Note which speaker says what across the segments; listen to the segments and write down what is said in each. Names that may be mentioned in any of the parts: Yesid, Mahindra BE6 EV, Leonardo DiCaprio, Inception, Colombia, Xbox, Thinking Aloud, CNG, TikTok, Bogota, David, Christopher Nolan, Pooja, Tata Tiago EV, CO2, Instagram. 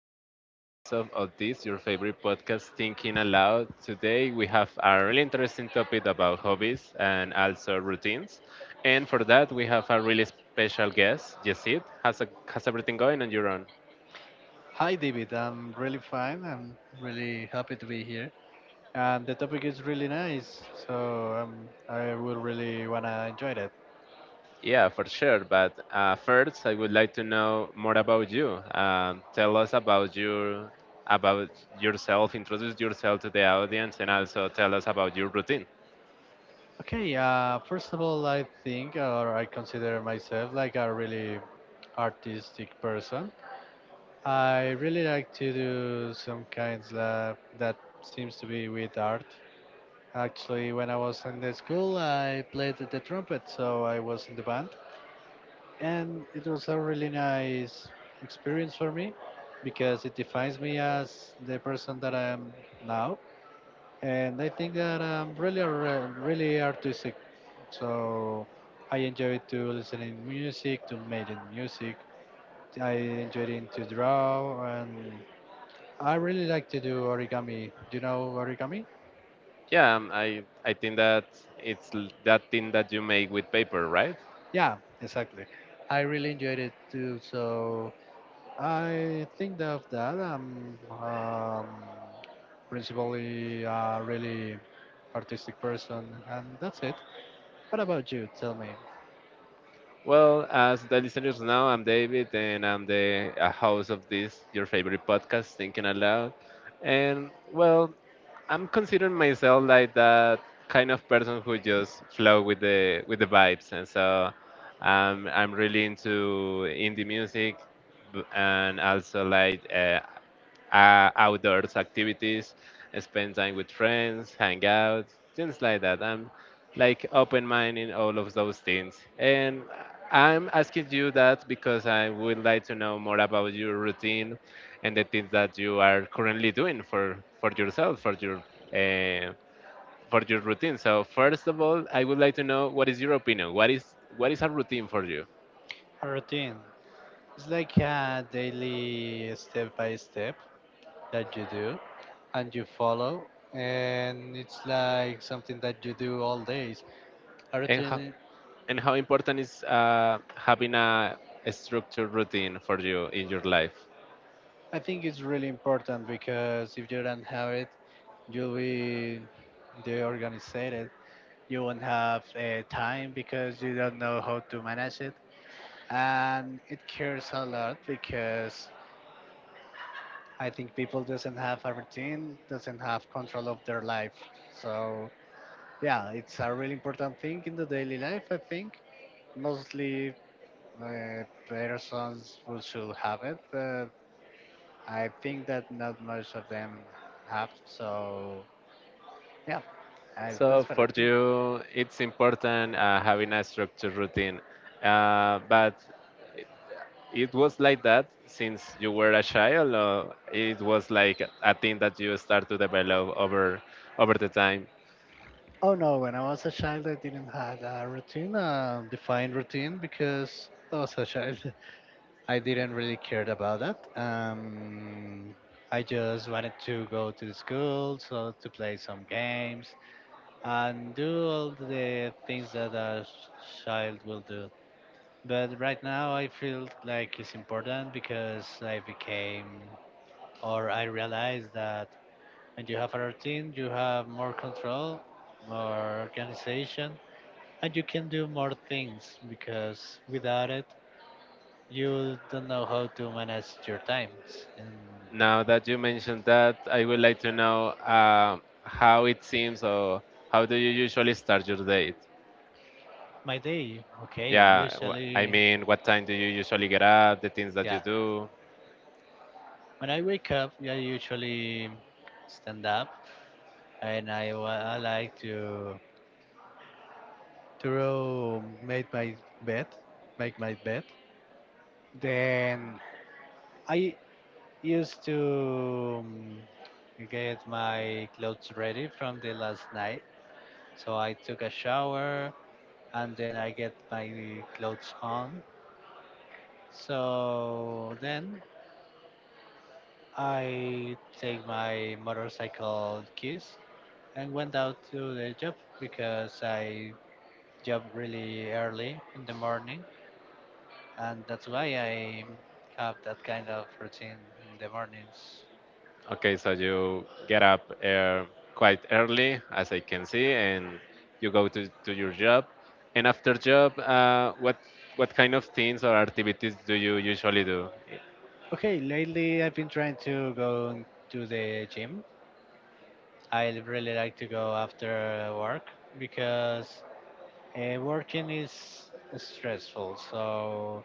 Speaker 1: another episode of this, your favorite podcast, Thinking Aloud. Today, we have a really interesting topic about hobbies and also routines. And for that, we have a really special guest, Yesid. How's everything going on your own?
Speaker 2: Hi, David. I'm really fine. I'm really happy to be here. And the topic is really nice, so I will really wanna enjoy that.
Speaker 1: Yeah, for sure. But first, I would like to know more about you. Tell us about your about yourself. Introduce yourself to the audience, and also tell us about your routine.
Speaker 2: Okay. First of all, I think, or I consider myself like a really artistic person. I really like to do some kinds of that seems to be with art. Actually, when I was in the school, I played the trumpet, so I was in the band. And it was a really nice experience for me because it defines me as the person that I am now, and I think that I'm really a really artistic. So I enjoy to listening music, to making music. I enjoy it to draw, and I really like to do origami. Do you know origami?
Speaker 1: Yeah, I think that that thing that you make with paper, right?
Speaker 2: Yeah, exactly. I really enjoyed it too. So I think that of that I'm principally a really artistic person, and that's it. What about you? Tell me.
Speaker 1: Well, as the listeners know, I'm David, and I'm the host of this your favorite podcast, Thinking Aloud. And well, I'm considering myself like that kind of person who just flow with the vibes, and so I'm really into indie music, and also like outdoors activities, spend time with friends, hang out, things like that. I'm like open mind in all of those things. And I'm asking you that because I would like to know more about your routine and the things that you are currently doing for yourself, uh, for your routine. So first of all, I would like to know what is your opinion. What is a routine for you?
Speaker 2: A routine. It's like a daily step by step that you do and you follow, and it's like something that you do all days. A
Speaker 1: And
Speaker 2: routine,
Speaker 1: how,
Speaker 2: i-
Speaker 1: And how important is having a structured routine for you in your life?
Speaker 2: I think, is really important because if you don't have it, you'll be deorganized, you won't have time because you don't know how to manage it, and it cares a lot because I think people doesn't have a routine doesn't have control of their life. So yeah, it's a really important thing in the daily life. I think mostly persons who should have it, but I think that not most of them have. Yeah
Speaker 1: So
Speaker 2: that's what I
Speaker 1: for
Speaker 2: think.
Speaker 1: you, it's important having a structured routine. But it was like that since you were a child, or it was like a thing that you start to develop over the time.
Speaker 2: Oh no, when I was a child, I didn't have a routine, a defined routine, because I was a child. I didn't really care about that. I just wanted to go to the school, so to play some games and do all the things that a child will do. But right now, I feel like it's important because I became, or I realized that when you have a routine, you have more control, more organization, and you can do more things because without it you don't know how to manage your times and
Speaker 1: Now that you mentioned that, I would like to know how it seems, or how do you usually start your day?
Speaker 2: my day. Okay,
Speaker 1: Yeah, I
Speaker 2: usually
Speaker 1: mean, what time do you usually get up? The things that you
Speaker 2: yeah,
Speaker 1: do.
Speaker 2: when I wake up, yeah, I usually stand up and I like to row, bed make my bed, then I used to get my clothes ready from the last night, so I took a shower and then I get my clothes on. So then I take my motorcycle keys and went out to the job because I job really early in the morning, and that's why I have that kind of routine in the mornings.
Speaker 1: Okay, so you get up quite early, as I can see, and you go to your job. And after job, what kind of things or activities do you usually do?
Speaker 2: Okay, lately I've been trying to go to the gym. I really like to go after work because working is stressful, so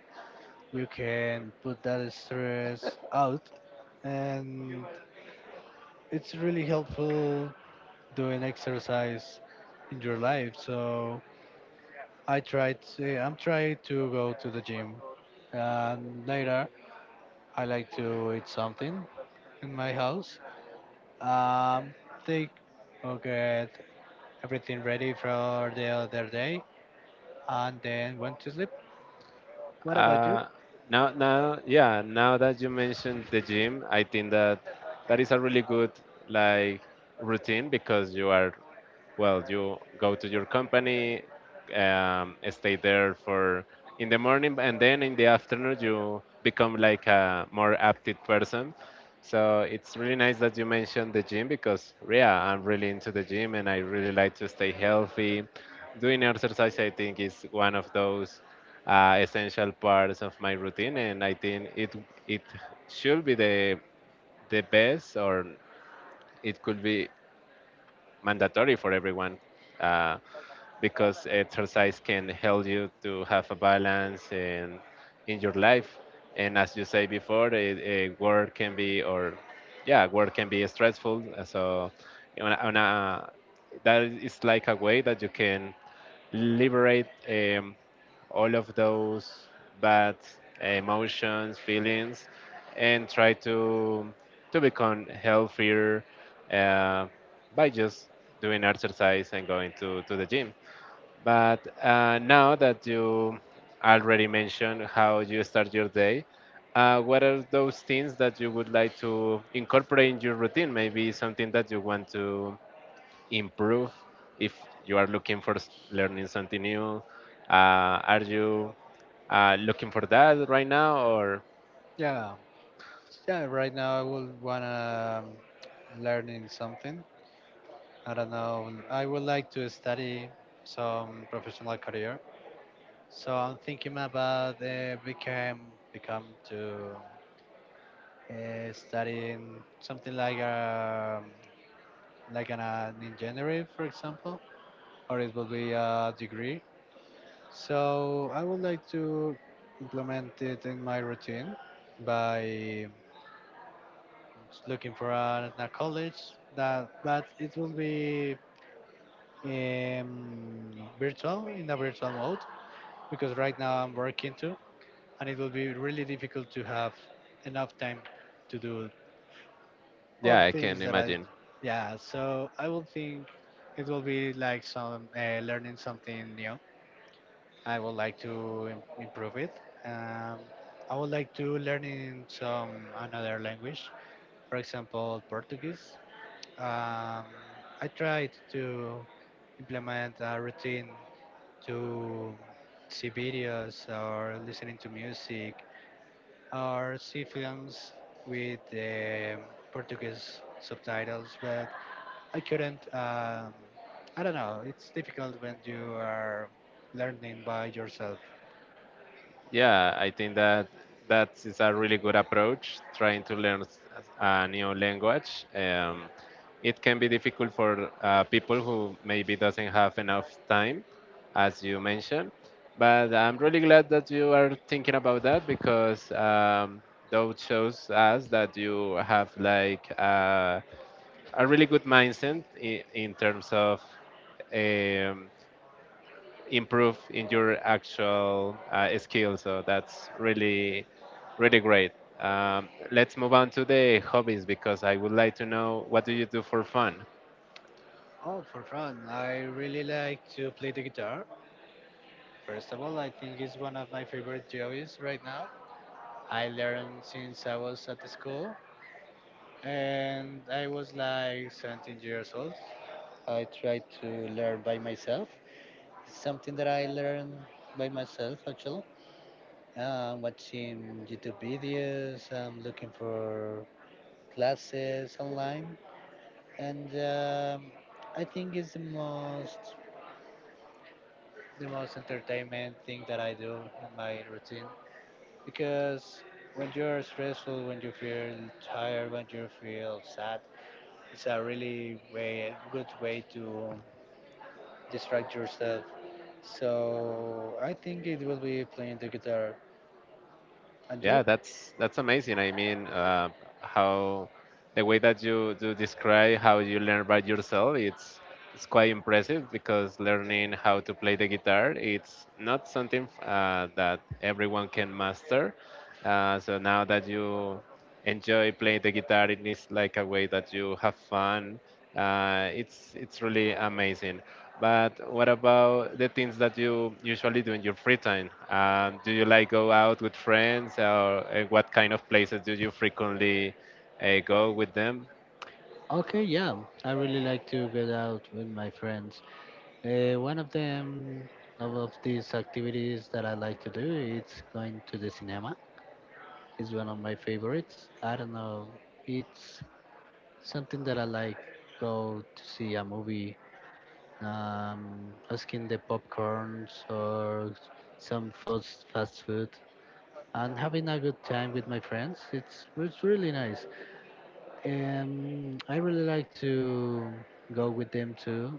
Speaker 2: you can put that stress out, and it's really helpful doing exercise in your life. So I try to I'm trying to go to the gym, and later I like to eat something in my house, um take or get everything ready for the other day, and then went to sleep. What about you?
Speaker 1: Uh, yeah, now that you mentioned the gym, I think that that is a really good like routine because you are, well, you go to your company, stay there for in the morning, and then in the afternoon you become like a more active person. So it's really nice that you mentioned the gym because yeah, I'm really into the gym and I really like to stay healthy. Doing exercise, I think, is one of those essential parts of my routine, and I think it should be the best, or it could be mandatory for everyone, uh, because exercise can help you to have a balance in your life. And as you say before, work can be, or yeah, work can be stressful. So on a, on a, that is like a way that you can liberate all of those bad emotions, feelings, and try to become healthier, uh, by just doing exercise and going to the gym. But now that you already mentioned how you start your day, what are those things that you would like to incorporate in your routine? Maybe something that you want to improve, if you are looking for learning something new. Are you looking for that right now, or
Speaker 2: Yeah yeah right now I would wanna learning something. I don't know. I would like to study some professional career. So I'm thinking about become to studying something like a like an engineering, for example, or it will be a degree. So I would like to implement it in my routine by looking for a college that, but it will be virtual, in a virtual mode, because right now I'm working too, and it will be really difficult to have enough time to do all
Speaker 1: yeah, I can
Speaker 2: things that
Speaker 1: imagine.
Speaker 2: yeah. So I will think it will be like some learning something new. I would like to improve it. Um, I would like to learn in some another language, for example, Portuguese. Um, I tried to implement a routine to see videos or listening to music, are sea films with Portuguese subtitles, but I couldn't. I don't know. It's difficult when you are learning by yourself.
Speaker 1: Yeah, I think that that is a really good approach. Trying to learn a new language, it can be difficult for people who maybe doesn't have enough time, as you mentioned. But I'm really glad that you are thinking about that because that shows us that you have like a really good mindset in terms of. Um, Improve in your actual skills. So that's really, really great. Let's move on to the hobbies because I would like to know, what do you do for fun?
Speaker 2: Oh, for fun! I really like to play the guitar. First of all, I think it's one of my favorite hobbies right now. I learned since I was at the school, and I was like 17 years old. I tried to learn by myself. It's something that I learned by myself actually. Watching YouTube videos, I'm looking for classes online, and I think it's the most entertainment thing that I do in my routine because when you're stressful, when you feel tired, when you feel sad, it's a really way good way to distract yourself. So I think it will be playing the guitar. And you?
Speaker 1: Yeah, that's amazing. I mean, how, the way that you do describe how you learn by yourself, it's quite impressive because learning how to play the guitar, it's not something that everyone can master. So now that you enjoy playing the guitar, it is like a way that you have fun. It's really amazing. But what about the things that you usually do in your free time? Do you like go out with friends, or what kind of places do you frequently go with them?
Speaker 2: Okay, yeah, I really like to get out with my friends. Uh, one of them, of these activities that I like to do, it's going to the cinema. It's one of my favorites. I don't know, it's something that I like. Go to see a movie, asking the popcorns or some fast food, and having a good time with my friends. It's really nice. I really like to go with them too,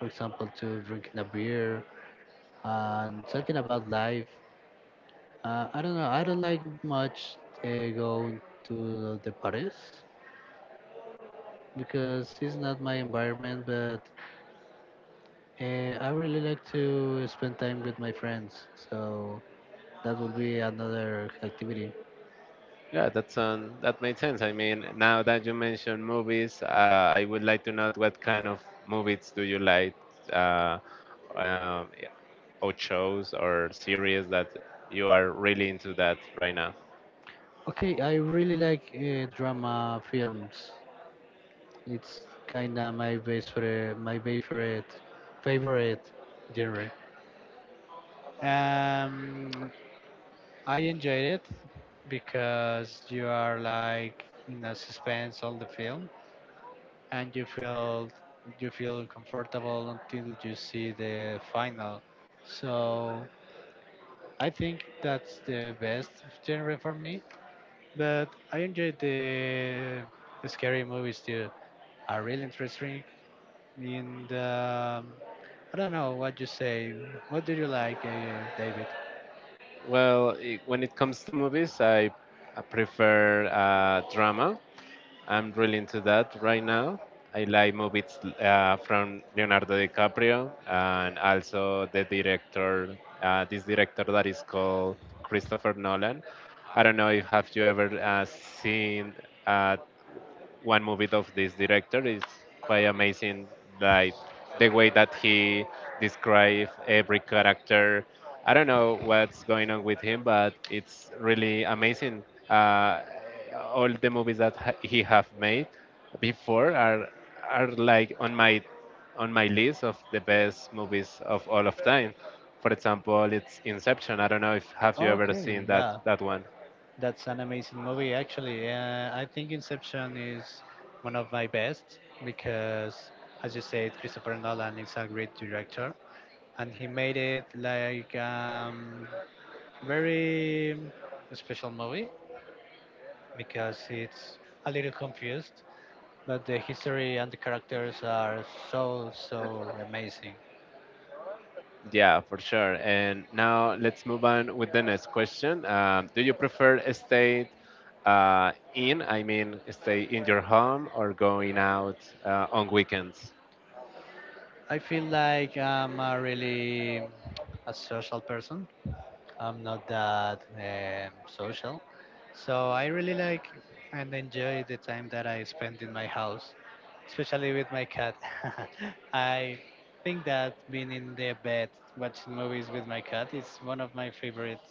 Speaker 2: for example, to drinking a beer and talking about life. I don't know. I don't like much going to the parties because it's not my environment. But I really like to spend time with my friends. So that would be another activity.
Speaker 1: Yeah, that's that made sense. I mean, now that you mentioned movies, I would like to know what kind of movies do you like, uh, um, yeah, or shows or series that you are really into that right now.
Speaker 2: Okay, I really like drama films. It's kinda my base for my favorite genre. Um, I enjoyed it because you are like in a suspense all the film and you feel comfortable until you see the final. So I think that's the best genre for me. But I enjoyed the scary movies too. Are really interesting in the I don't know what you say. What do you like, David?
Speaker 1: Well, I when it comes to movies, I prefer drama. I'm really into that right now. I like movies from Leonardo DiCaprio and also the director, this director that is called Christopher Nolan. I don't know if have you ever seen uh, one movie of this director. Is quite amazing, like the way that he describes every character. I don't know what's going on with him, but it's really amazing. uh, all the movies that he have made before are like on my list of the best movies of all of time. For example, it's Inception. I don't know if have you ever
Speaker 2: Okay,
Speaker 1: seen
Speaker 2: yeah.
Speaker 1: that one.
Speaker 2: That's an amazing movie, actually. I think Inception is one of my best because, as you said, Christopher Nolan is a great director, and he made it like very special movie because it's a little confused, but the history and the characters are so amazing.
Speaker 1: Yeah, for sure. And now let's move on with the next question. Do you prefer stay I mean, stay in your home, or going out on weekends?
Speaker 2: I feel like I'm a really a social person, I'm not that social. So I really like and enjoy the time that I spend in my house, especially with my cat. I think that being in the bed watching movies with my cat is one of my favorite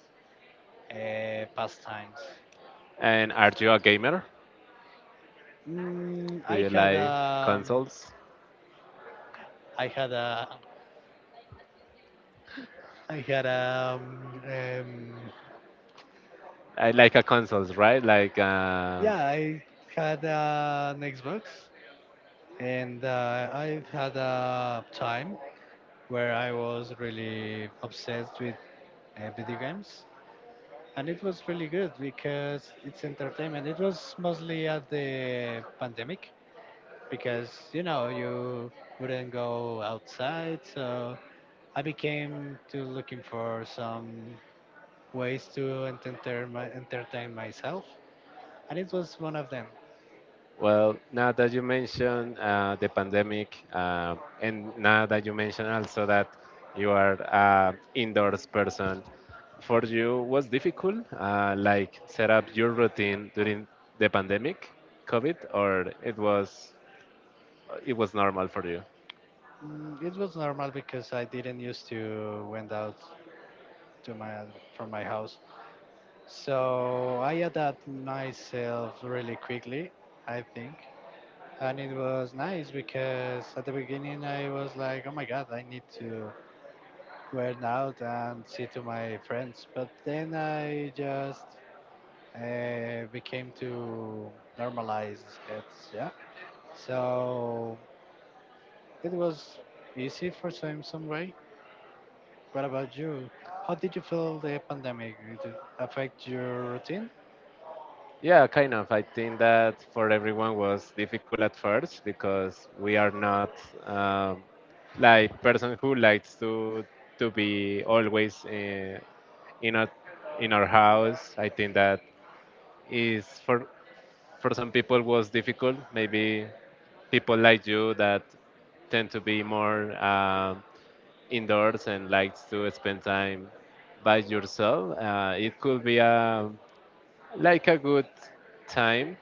Speaker 2: pastimes.
Speaker 1: And are you a gamer?
Speaker 2: Mm,
Speaker 1: Do
Speaker 2: I
Speaker 1: you
Speaker 2: had
Speaker 1: like
Speaker 2: a,
Speaker 1: consoles?
Speaker 2: I had a, I had a,
Speaker 1: I like a consoles, right? Like.
Speaker 2: yeah, I had an Xbox, and I had a time where I was really obsessed with video games. And it was really good because it's entertainment. It was mostly at the pandemic because, you know, you wouldn't go outside. So I became to looking for some ways to entertain myself. And it was one of them.
Speaker 1: Well, now that you mention the pandemic, and now that you mention also that you are an indoors person, for you was difficult, like set up your routine during the pandemic, COVID, or it was, it was normal for you?
Speaker 2: Mm, it was normal because I didn't used to went out to my from my house. So I adapt myself really quickly, I think. And it was nice because at the beginning I was like, oh my God, I need to go out and see to my friends. But then I just became to normalize it. Yeah. So it was easy for some way. What about you? How did you feel the pandemic? Did it affect your routine?
Speaker 1: Yeah, kind of. I think that for everyone was difficult at first because we are not um, like person who likes to be always in our in our house. I think that is for some people was difficult. Maybe people like you that tend to be more indoors and likes to spend time by yourself. It could be a like a good time.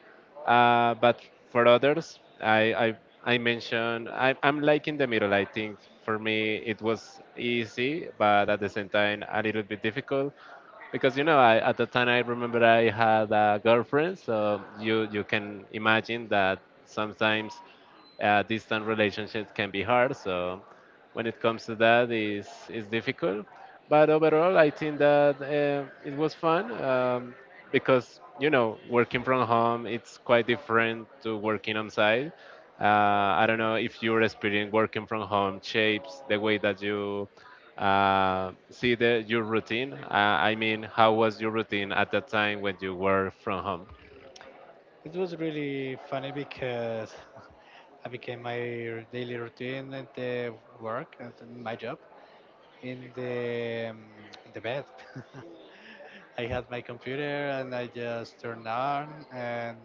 Speaker 1: But for others, I mentioned I'm like in the middle. I think for me it was easy, but at the same time a little bit difficult because you know at the time I remember I had a girlfriend, so you can imagine that sometimes distant relationships can be hard. So when it comes to that, is difficult. But overall, I think that it was fun because you know working from home it's quite different to working on site. I don't know if your experience working from home shapes the way that you see your routine. I mean, how was your routine at that time when you were from home?
Speaker 2: It was really funny because I became my daily routine at the work, at my job, in the um, in the bed. I had my computer and I just turned on and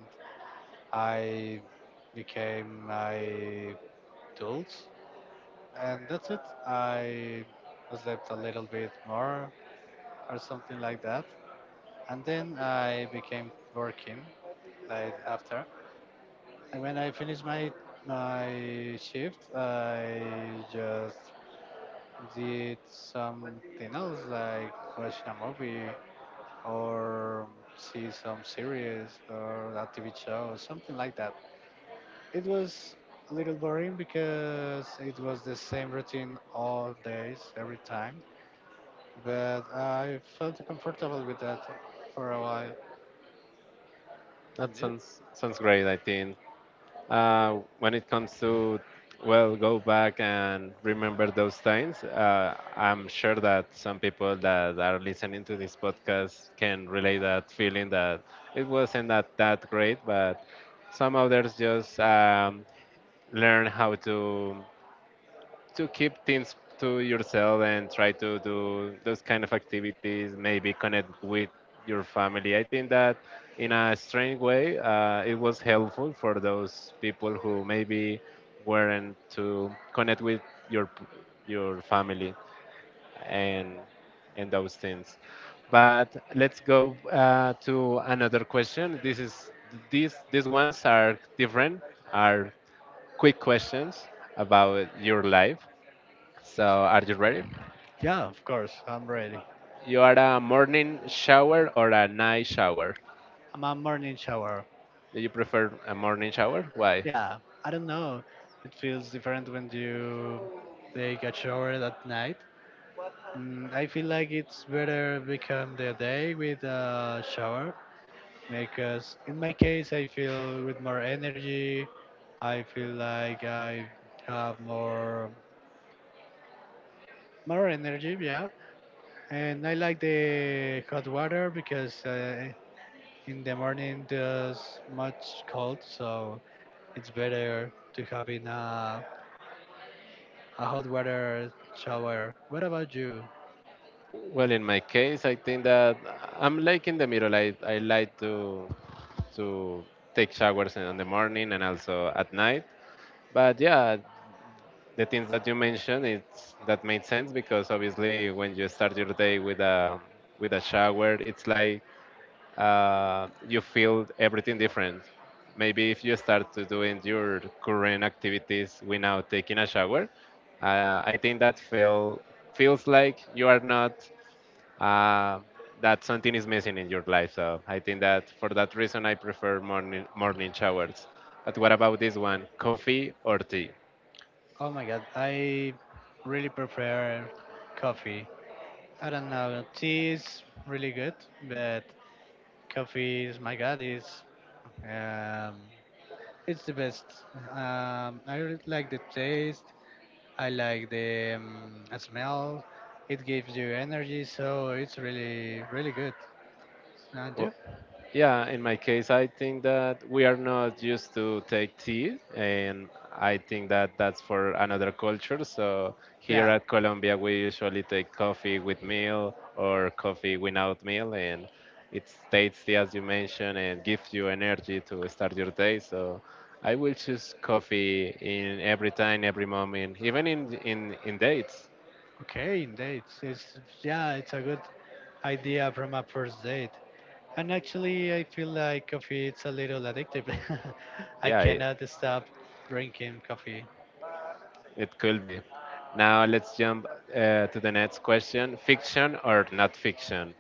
Speaker 2: I became my tools and that's it. I slept a little bit more or something like that, and then I became working like after when I finish my shift. I just did something else like watch a movie or see some series or a TV show, something like that. It was a little boring because it was the same routine all days, every time. But I felt comfortable with that for a while. And
Speaker 1: That
Speaker 2: you?
Speaker 1: sounds great. I think, when it comes to, well, go back and remember those times, I'm sure that some people that are listening to this podcast can relate that feeling that it wasn't that great, but some others just learn how to keep things to yourself and try to do those kind of activities, maybe connect with your family. I think that in a strange way, it was helpful for those people who maybe weren't to connect with your p- your family and and those things. But let's go to another question. This is, these ones are different, are quick questions about your life. So, are you ready?
Speaker 2: Yeah, of course, I'm ready.
Speaker 1: You are a morning shower, or a night shower?
Speaker 2: I'm a morning shower.
Speaker 1: Do you prefer a morning shower? Why?
Speaker 2: Yeah, I don't know. It feels different when you take a shower at night. Mm, I feel like it's better become the day with a shower because in my case I feel with more energy. I feel like I have more energy, yeah. And I like the hot water because in the morning there's much cold, so it's better to have in a hot water shower. What about you?
Speaker 1: Well, in my case, I think that I'm like in the middle. I like to to take showers in the morning and also at night. But yeah, the things that you mentioned, it's that made sense, because obviously when you start your day with a shower, it's like you feel everything different. Maybe if you start to doing your current activities without taking a shower, I think that feels like you are not uh, that something is missing in your life. So I think that for that reason, I prefer morning showers. But what about this one? Coffee or tea?
Speaker 2: Oh my god, I really prefer coffee. I don't know, tea is really good, but coffee is my god, is um, it's the best. I really like the taste. I like the smell. It gives you energy, so it's really really good. And
Speaker 1: Wh-
Speaker 2: you?
Speaker 1: Yeah, in my case, I think that we are not used to take tea, and I think that that's for another culture. So here
Speaker 2: Yeah.
Speaker 1: at Colombia, we usually take coffee with meal or coffee without meal, and it tastes as you mentioned and gives you energy to start your day. So I will choose coffee in every time, every moment, even in dates.
Speaker 2: Okay, indeed. It's yeah, it's a good idea from a first date. And actually, I feel like coffee it's a little addictive. I
Speaker 1: Yeah, I.
Speaker 2: cannot stop drinking coffee.
Speaker 1: It could be. Now let's jump to the next question. Fiction or not fiction?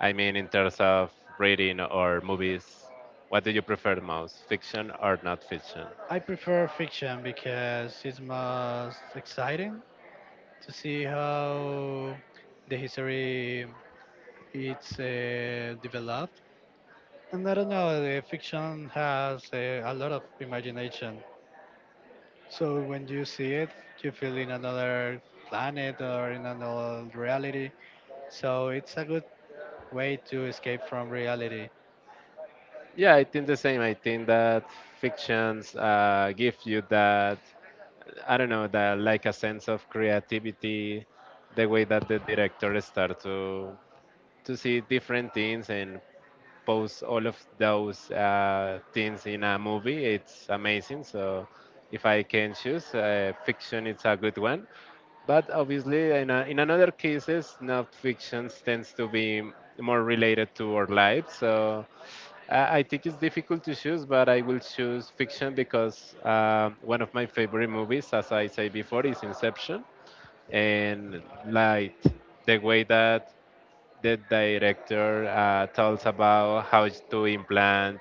Speaker 1: I mean, in terms of reading or movies, what do you prefer the most? Fiction or not fiction?
Speaker 2: I prefer fiction because it's most exciting to see how the history it's developed. And I don't know, the fiction has a lot of imagination. So when you see it, you feel in another planet or in another reality. So it's a good way to escape from reality.
Speaker 1: Yeah, I think the same. I think that fictions give you that, I don't know, that like a sense of creativity, the way that the director start to see different things and expose all of those things in a movie. It's amazing. So if I can choose, fiction is a good one. But obviously, in, a, in another cases, not fiction tends to be more related to our lives. So I think it's difficult to choose, but I will choose fiction because one of my favorite movies, as I said before, is Inception. And like the way that the director tells about how to implant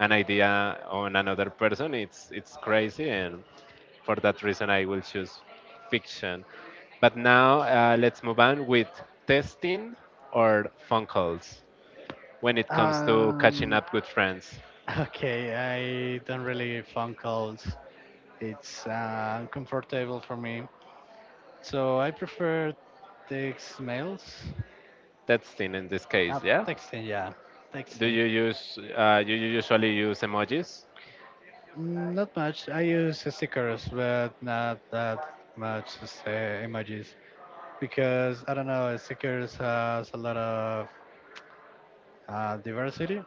Speaker 1: an idea on another person, it's crazy, and for that reason, I will choose fiction. But now let's move on with testing or phone calls when it comes to catching
Speaker 2: Um,
Speaker 1: up with friends.
Speaker 2: okay, I don't really phone calls. It's uncomfortable for me. So I prefer text mails.
Speaker 1: Testing in this
Speaker 2: Uh,
Speaker 1: case, yeah.
Speaker 2: texting, yeah.
Speaker 1: Do
Speaker 2: Texting.
Speaker 1: you use do you usually use emojis?
Speaker 2: Mm, not much. I use stickers, but not that much as, emojis. Because, I don't know, stickers has a lot of diversity.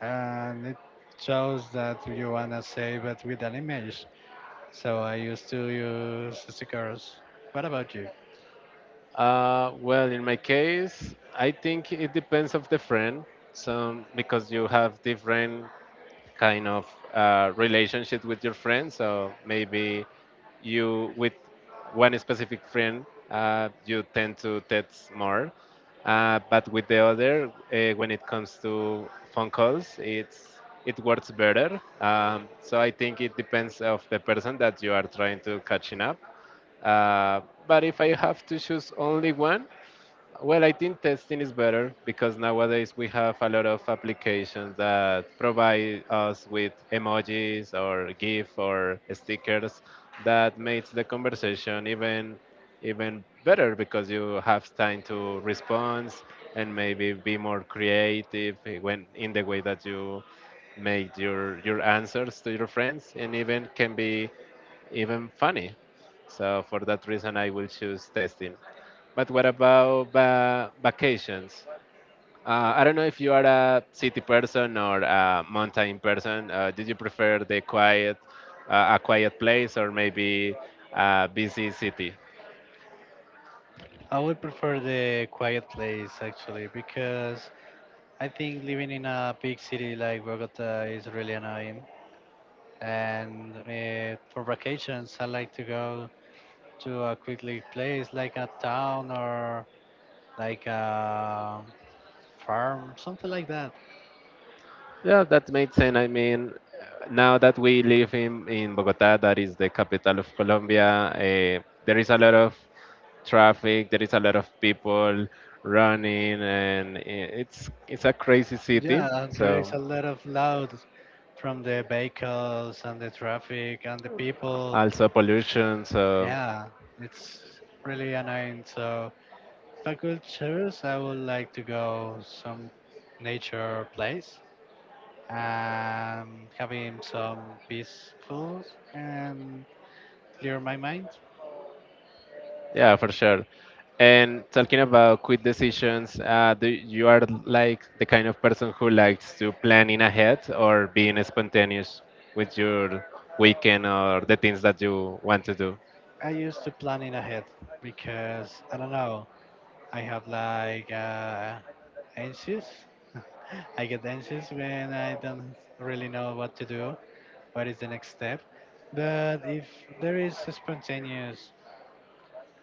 Speaker 2: And it shows that you want to say, but with an image. So I used to use cigars. What about you?
Speaker 1: Well, in my case, I think it depends of the friend. So because you have different kind of relationship with your friends. So maybe you with one specific friend you tend to text more, but with the other, when it comes to phone calls, it works better. So I think it depends of the person that you are trying to catching up. Uh, but if I have to choose only one, well, I think testing is better because nowadays we have a lot of applications that provide us with emojis or GIF or stickers that makes the conversation even better because you have time to respond and maybe be more creative when in the way that you make your answers to your friends and even can be even funny. So for that reason, I will choose testing. But what about vacations? I don't know if you are a city person or a mountain person. Did you prefer the quiet, a quiet place, or maybe a busy city?
Speaker 2: I would prefer the quiet place actually because I think living in a big city like Bogota is really annoying. And for vacations, I like to go to a quickly place like a town or like a farm, something like that.
Speaker 1: Yeah, that makes sense. I mean, now that we live in Bogota, that is the capital of Colombia, there is a lot of traffic, there is a lot of people running, and it's a crazy city.
Speaker 2: Yeah, there is
Speaker 1: So,
Speaker 2: a lot of loud from the vehicles and the traffic and the people.
Speaker 1: also pollution. So,
Speaker 2: Yeah, it's really annoying. So if I could choose, I would like to go some nature place and having some peaceful and clear my mind.
Speaker 1: yeah, for sure. And talking about quick decisions, do you are like the kind of person who likes to planning ahead or being spontaneous with your weekend or the things that you want to do?
Speaker 2: I used to planning ahead because I don't know. I have like anxious. I get anxious when I don't really know what to do, what is the next step. But if there is a spontaneous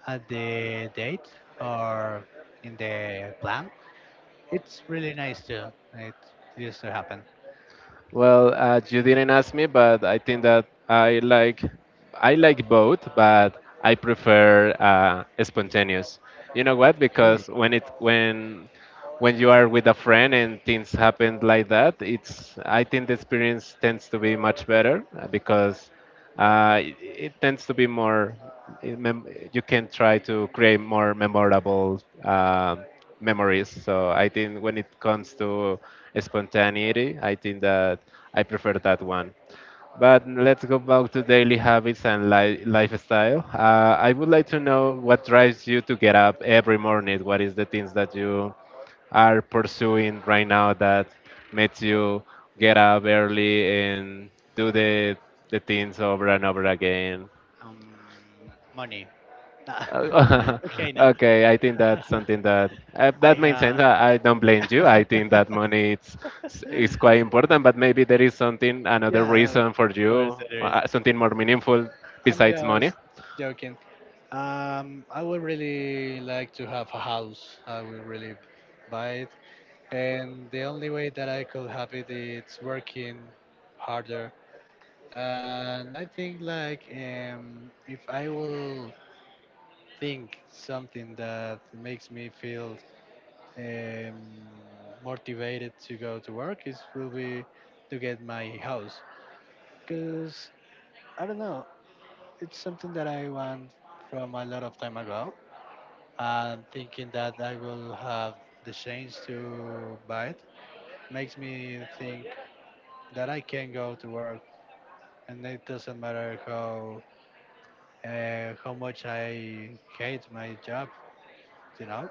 Speaker 2: at the date or in the plan. It's really nice too. It used to happen.
Speaker 1: Well, you didn't ask me, but I think that I like both, but I prefer spontaneous. You know what?
Speaker 2: Okay.
Speaker 1: Because when it when you are with a friend and things happen like that, it's I think the experience tends to be much better because it tends to be more it you can try to create more memorable memories. So I think when it comes to spontaneity, I think that I prefer that one. But let's go back to daily habits and lifestyle. I would like to know what drives you to get up every morning, what is the things that you are pursuing right now that makes you get up early and do the things over and over again.
Speaker 2: Um, money.
Speaker 1: Uh,
Speaker 2: Okay, no.
Speaker 1: okay, I think that's something that
Speaker 2: I
Speaker 1: that makes sense.
Speaker 2: have.
Speaker 1: I don't blame you. I think that money it's is quite important, but maybe there is something another
Speaker 2: Yeah,
Speaker 1: reason for
Speaker 2: of course
Speaker 1: you,
Speaker 2: there is.
Speaker 1: something more meaningful
Speaker 2: I'm
Speaker 1: besides money.
Speaker 2: just joking. I would really like to have a house. I would really buy it, and the only way that I could have it is working harder. And I think like if I will think something that makes me feel um, motivated to go to work, it will be to get my house. Cause I don't know, it's something that I want from a lot of time ago, and thinking that I will have the chance to buy it makes me think that I can go to work, and it doesn't matter how how much I hate my job, you know.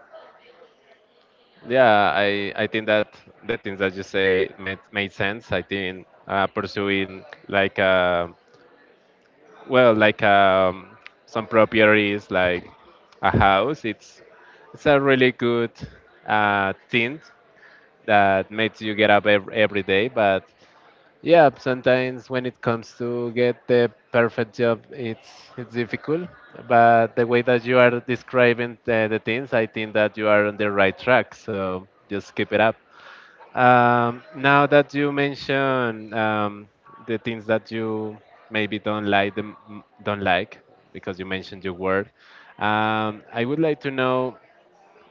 Speaker 1: Yeah, I think that the things that you say made sense. I think pursuing like a. Well, like some properties, like a house, it's a really good thing that makes you get up every day. But yeah, sometimes when it comes to get the perfect job, it's difficult. But the way that you are describing the things, I think that you are on the right track. So just keep it up. Now that you mention the things that you maybe don't like, because you mentioned your work, I would like to know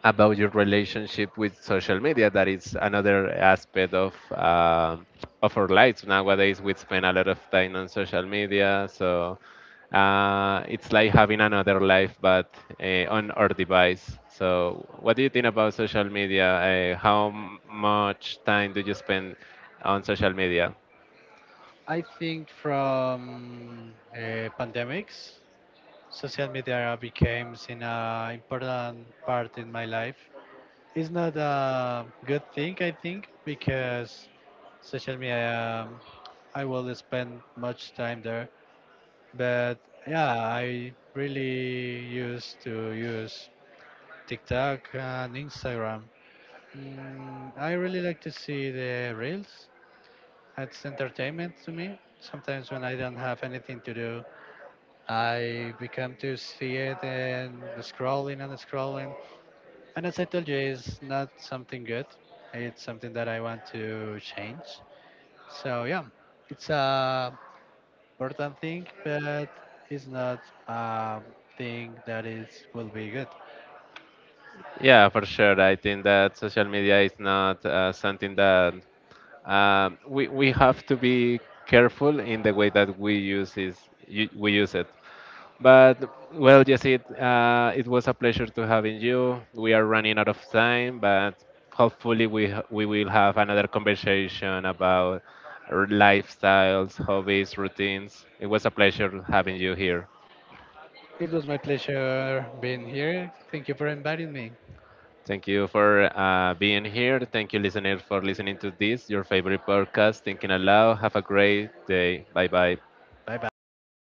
Speaker 1: about your relationship with social media. That is another aspect of our lives nowadays. We spend a lot of time on social media, so it's like having another life, but on our device. So, what do you think about social media? How much time do you spend on social media?
Speaker 2: I think from pandemics, social media became an important part in my life. It's not a good thing, I think, because social media, I will spend much time there. But yeah, I really used to use TikTok and Instagram. Mm, I really like to see the reels. It's entertainment to me. Sometimes when I don't have anything to do, I become to see it and scrolling and scrolling. And as I told you, it's not something good. It's something that I want to change. So yeah, it's a important thing, but it's not a thing that is will be good.
Speaker 1: Yeah, for sure. I think that social media is not something that we have to be careful in the way that we use it. But well, yes, it it was a pleasure to having you. We are running out of time, but hopefully we will have another conversation about our lifestyles, hobbies, routines. It was a pleasure having you here.
Speaker 2: It was my pleasure being here. Thank you for inviting me.
Speaker 1: Thank you for being here. Thank you, listeners, for listening to this, your favorite podcast, Thinking Aloud. Have a great day. Bye bye.
Speaker 2: Bye bye.